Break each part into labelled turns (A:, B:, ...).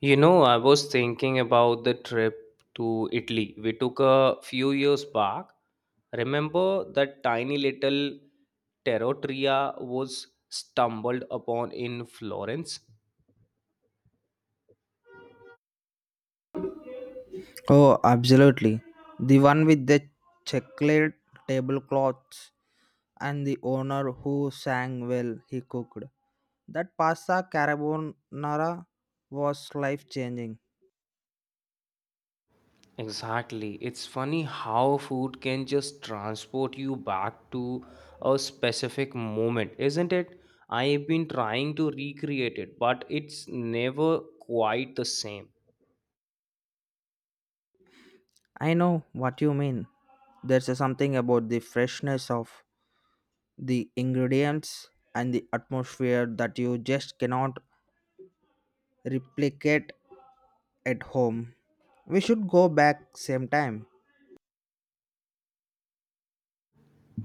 A: You know, I was thinking about the trip to Italy we took a few years back. Remember that tiny little Terrotria was stumbled upon in Florence?
B: Oh, absolutely. The one with the checkered tablecloths and the owner who sang well he cooked. That pasta carbonara was life changing.
A: Exactly. It's funny how food can just transport you back to a specific moment, isn't it? I've been trying to recreate it, but it's never quite the same.
B: I know what you mean. There's a something about the freshness of the ingredients and the atmosphere that you just cannot replicate at home. We should go back same time.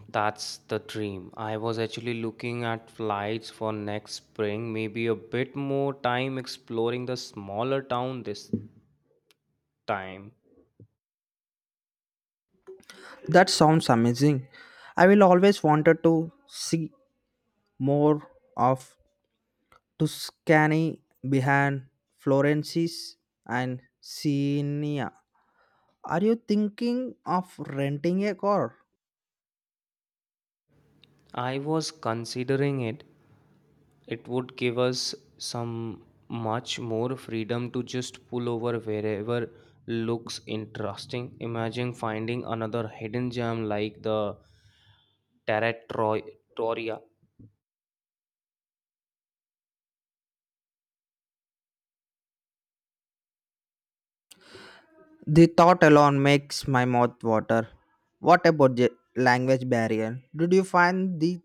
A: That's the dream. I was actually looking at flights for next spring, maybe a bit more time exploring the smaller town this time.
B: That sounds amazing. I will always wanted to see more of Tuscany behind Florence's and Siena. Are you thinking of renting a car?
A: I was considering it. It would give us some much more freedom to just pull over wherever looks interesting. Imagine finding another hidden gem like the Territoria.
B: The thought alone makes my mouth water. What about the language barrier? Did you find the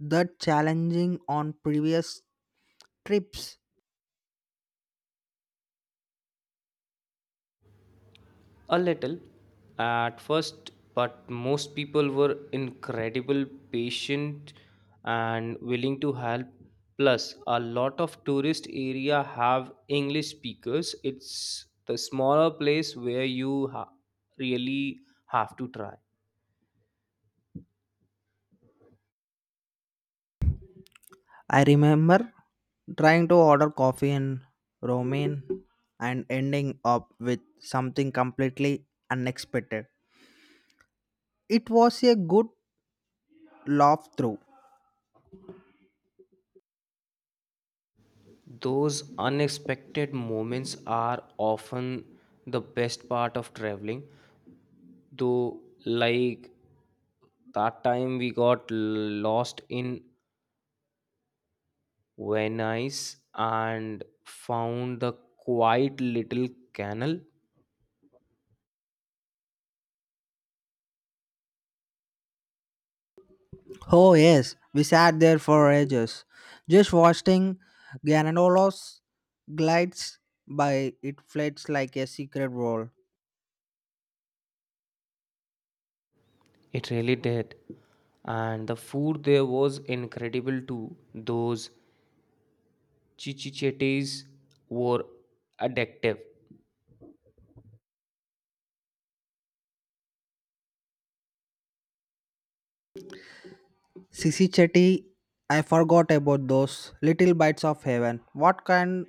B: that challenging on previous trips?
A: A little at first, but most people were incredible patient and willing to help. Plus, a lot of tourist area have English speakers. It's the smaller place where you really have to try.
B: I remember trying to order coffee in Romanian and ending up with something completely unexpected. It was a good laugh through.
A: Those unexpected moments are often the best part of traveling. Though, like that time we got lost in were nice and found the quiet little canal.
B: Oh, yes, we sat there for ages, just watching Giannolos glides by. It flits like a secret world.
A: It really did. And the food there was incredible too. Those chichichetes were addictive.
B: Sisi Chetty, I forgot about those little bites of heaven. What kind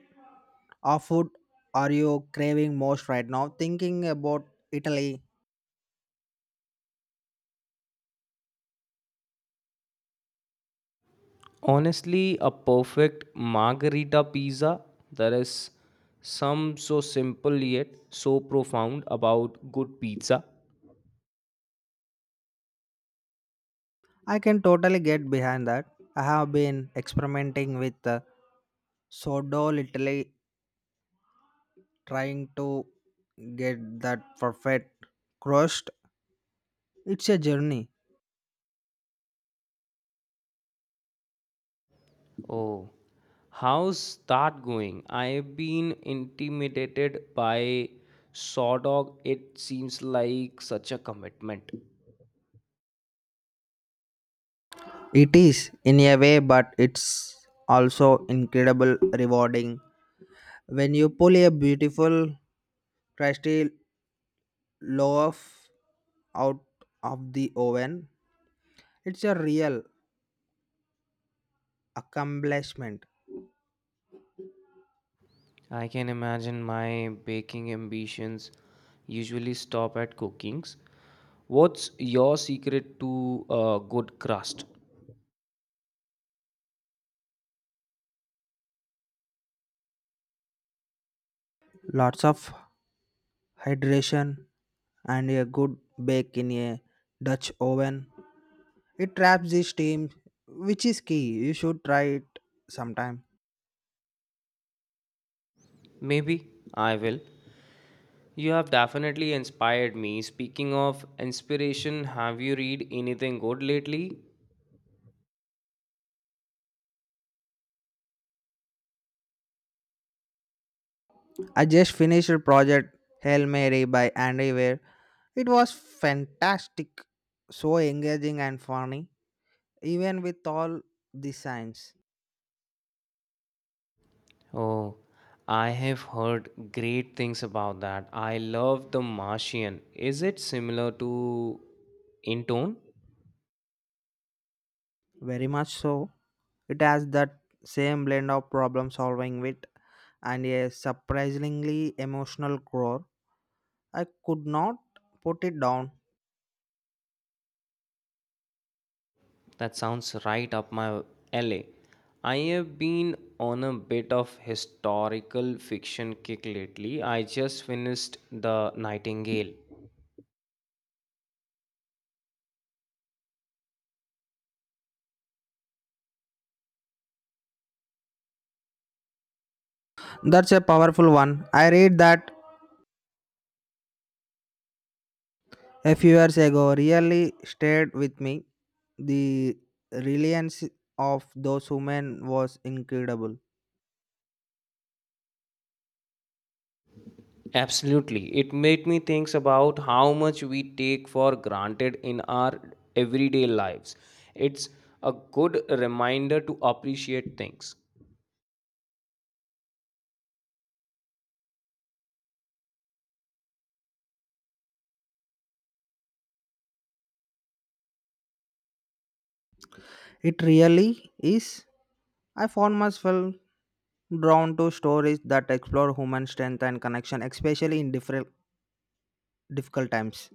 B: of food are you craving most right now? Thinking about Italy,
A: Honestly, a perfect margarita pizza. There is some so simple yet so profound about good pizza.
B: I can totally get behind that. I have been experimenting with sourdough, literally trying to get that perfect crust. It's a journey.
A: Oh, how's that going? I've been intimidated by Sawdog. It seems like such a commitment.
B: It is in a way, but it's also incredible rewarding when you pull a beautiful crusty loaf out of the oven. It's a real accomplishment.
A: I can imagine my baking ambitions usually stop at cookings. What's your secret to a good crust?
B: Lots of hydration and a good bake in a Dutch oven. It traps the steam, which is key. You should try it sometime.
A: Maybe I will. You have definitely inspired me. Speaking of inspiration, have you read anything good lately?
B: I just finished a project Hail Mary by Andy Weir. It was fantastic, so engaging and funny, even with all the science.
A: Oh, I have heard great things about that. I love The Martian. Is it similar to in tone?
B: Very much so. It has that same blend of problem solving wit and a surprisingly emotional core. I could not put it down.
A: That sounds right up my alley. I have been on a bit of historical fiction kick lately. I just finished The Nightingale.
B: That's a powerful one. I read that a few years ago, really stayed with me. The reliance of those women was incredible.
A: Absolutely. It made me think about how much we take for granted in our everyday lives. It's a good reminder to appreciate things.
B: It really is. I found myself drawn to stories that explore human strength and connection, especially in different difficult times.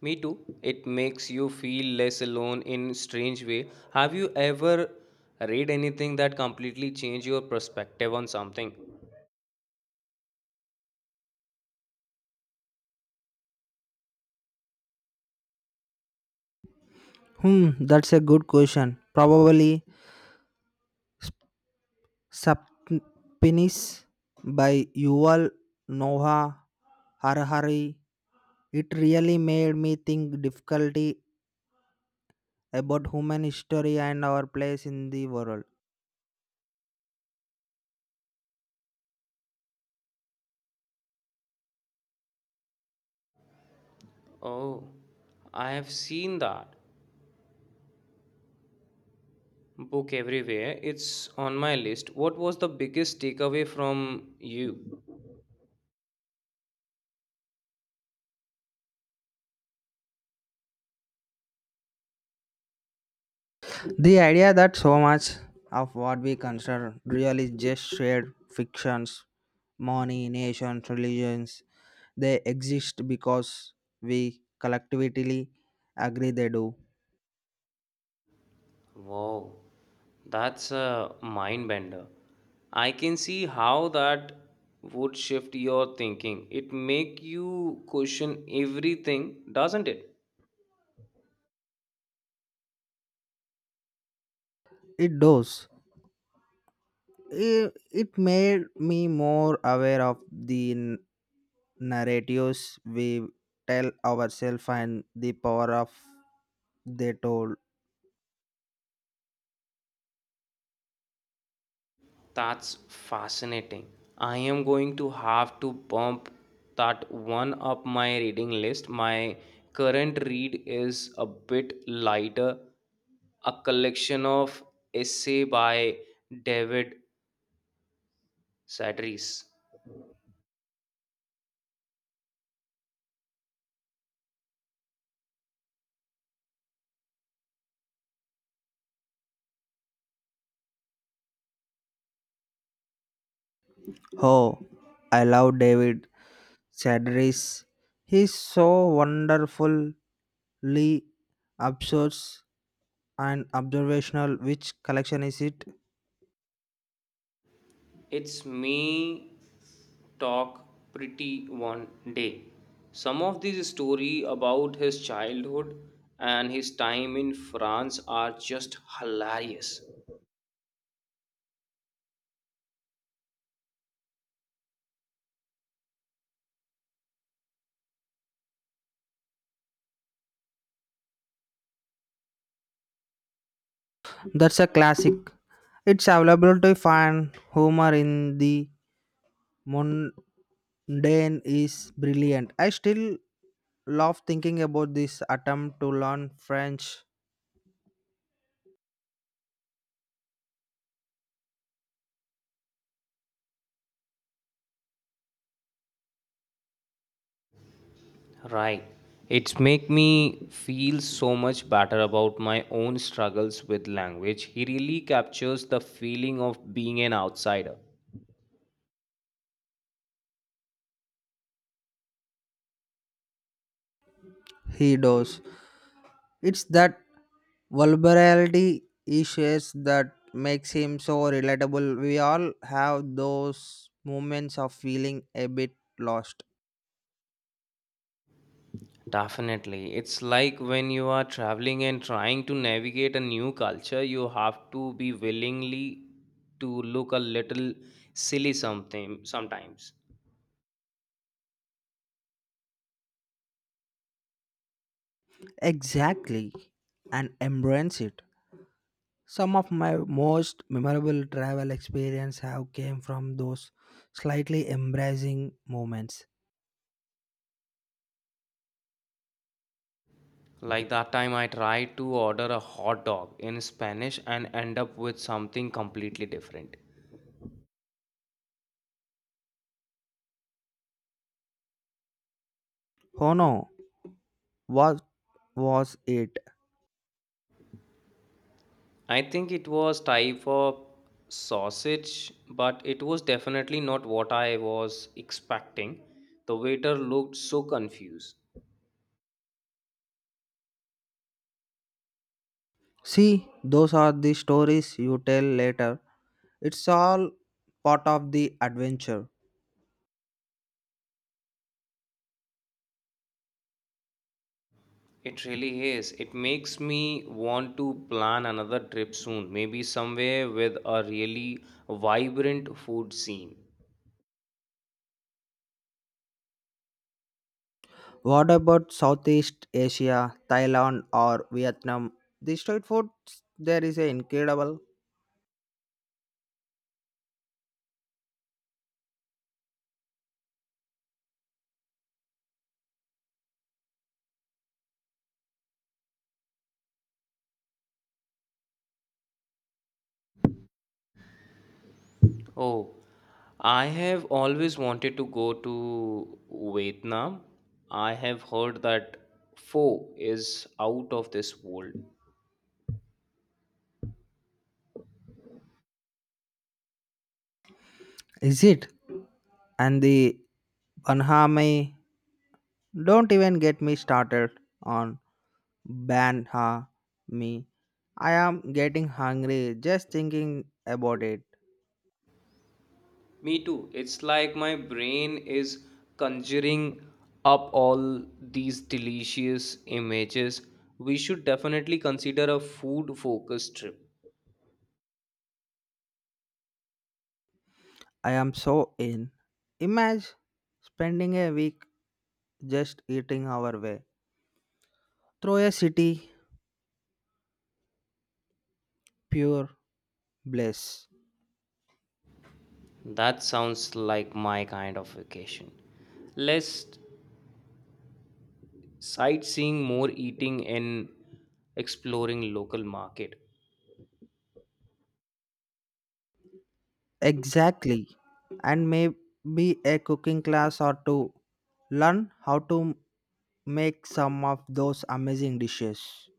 A: Me too. It makes you feel less alone in strange way. Have you ever read anything that completely changed your perspective on something?
B: That's a good question. Probably Sapinis by Yuval Noah Harari. It really made me think difficulty about human history and our place in the world.
A: Oh, I have seen that book everywhere. It's on my list. What was the biggest takeaway from you?
B: The idea that so much of what we consider real is just shared fictions, money, nations, religions, they exist because we collectively agree they do.
A: Wow, that's a mind bender. I can see how that would shift your thinking. It make you question everything, doesn't it?
B: It does. It made me more aware of the narratives we tell ourselves and the power of they told.
A: That's fascinating. I am going to have to bump that one up my reading list. My current read is a bit lighter, a collection of essay by David Sedaris.
B: Oh, I love David Chadris. He's so wonderfully absurd and observational. Which collection is it?
A: It's Me Talk Pretty One Day. Some of these story about his childhood and his time in France are just hilarious.
B: That's a classic. It's available to find humor in the mundane is brilliant. I still love thinking about this attempt to learn French.
A: Right. It's make me feel so much better about my own struggles with language. He really captures the feeling of being an outsider.
B: He does. It's that vulnerability issues that makes him so relatable. We all have those moments of feeling a bit lost.
A: Definitely. It's like when you are traveling and trying to navigate a new culture, you have to be willingly to look a little silly something sometimes.
B: Exactly, and embrace it. Some of my most memorable travel experience have came from those slightly embracing moments.
A: Like that time I tried to order a hot dog in Spanish and end up with something completely different.
B: Oh no, what was it?
A: I think it was type of sausage, but it was definitely not what I was expecting. The waiter looked so confused.
B: See, those are the stories you tell later. It's all part of the adventure.
A: It really is. It makes me want to plan another trip soon, maybe somewhere with a really vibrant food scene.
B: What about Southeast Asia, Thailand or Vietnam? The street food there is incredible.
A: Oh, I have always wanted to go to Vietnam. I have heard that pho is out of this world.
B: Is it? And the banh mi. Don't even get me started on banh mi. I am getting hungry just thinking about it.
A: Me too. It's like my brain is conjuring up all these delicious images. We should definitely consider a food focused trip.
B: I am so in. Imagine spending a week just eating our way through a city pure bliss.
A: That sounds like my kind of vacation. Less sightseeing, more eating, and exploring local market.
B: Exactly. And maybe a cooking class or two. Learn how to make some of those amazing dishes.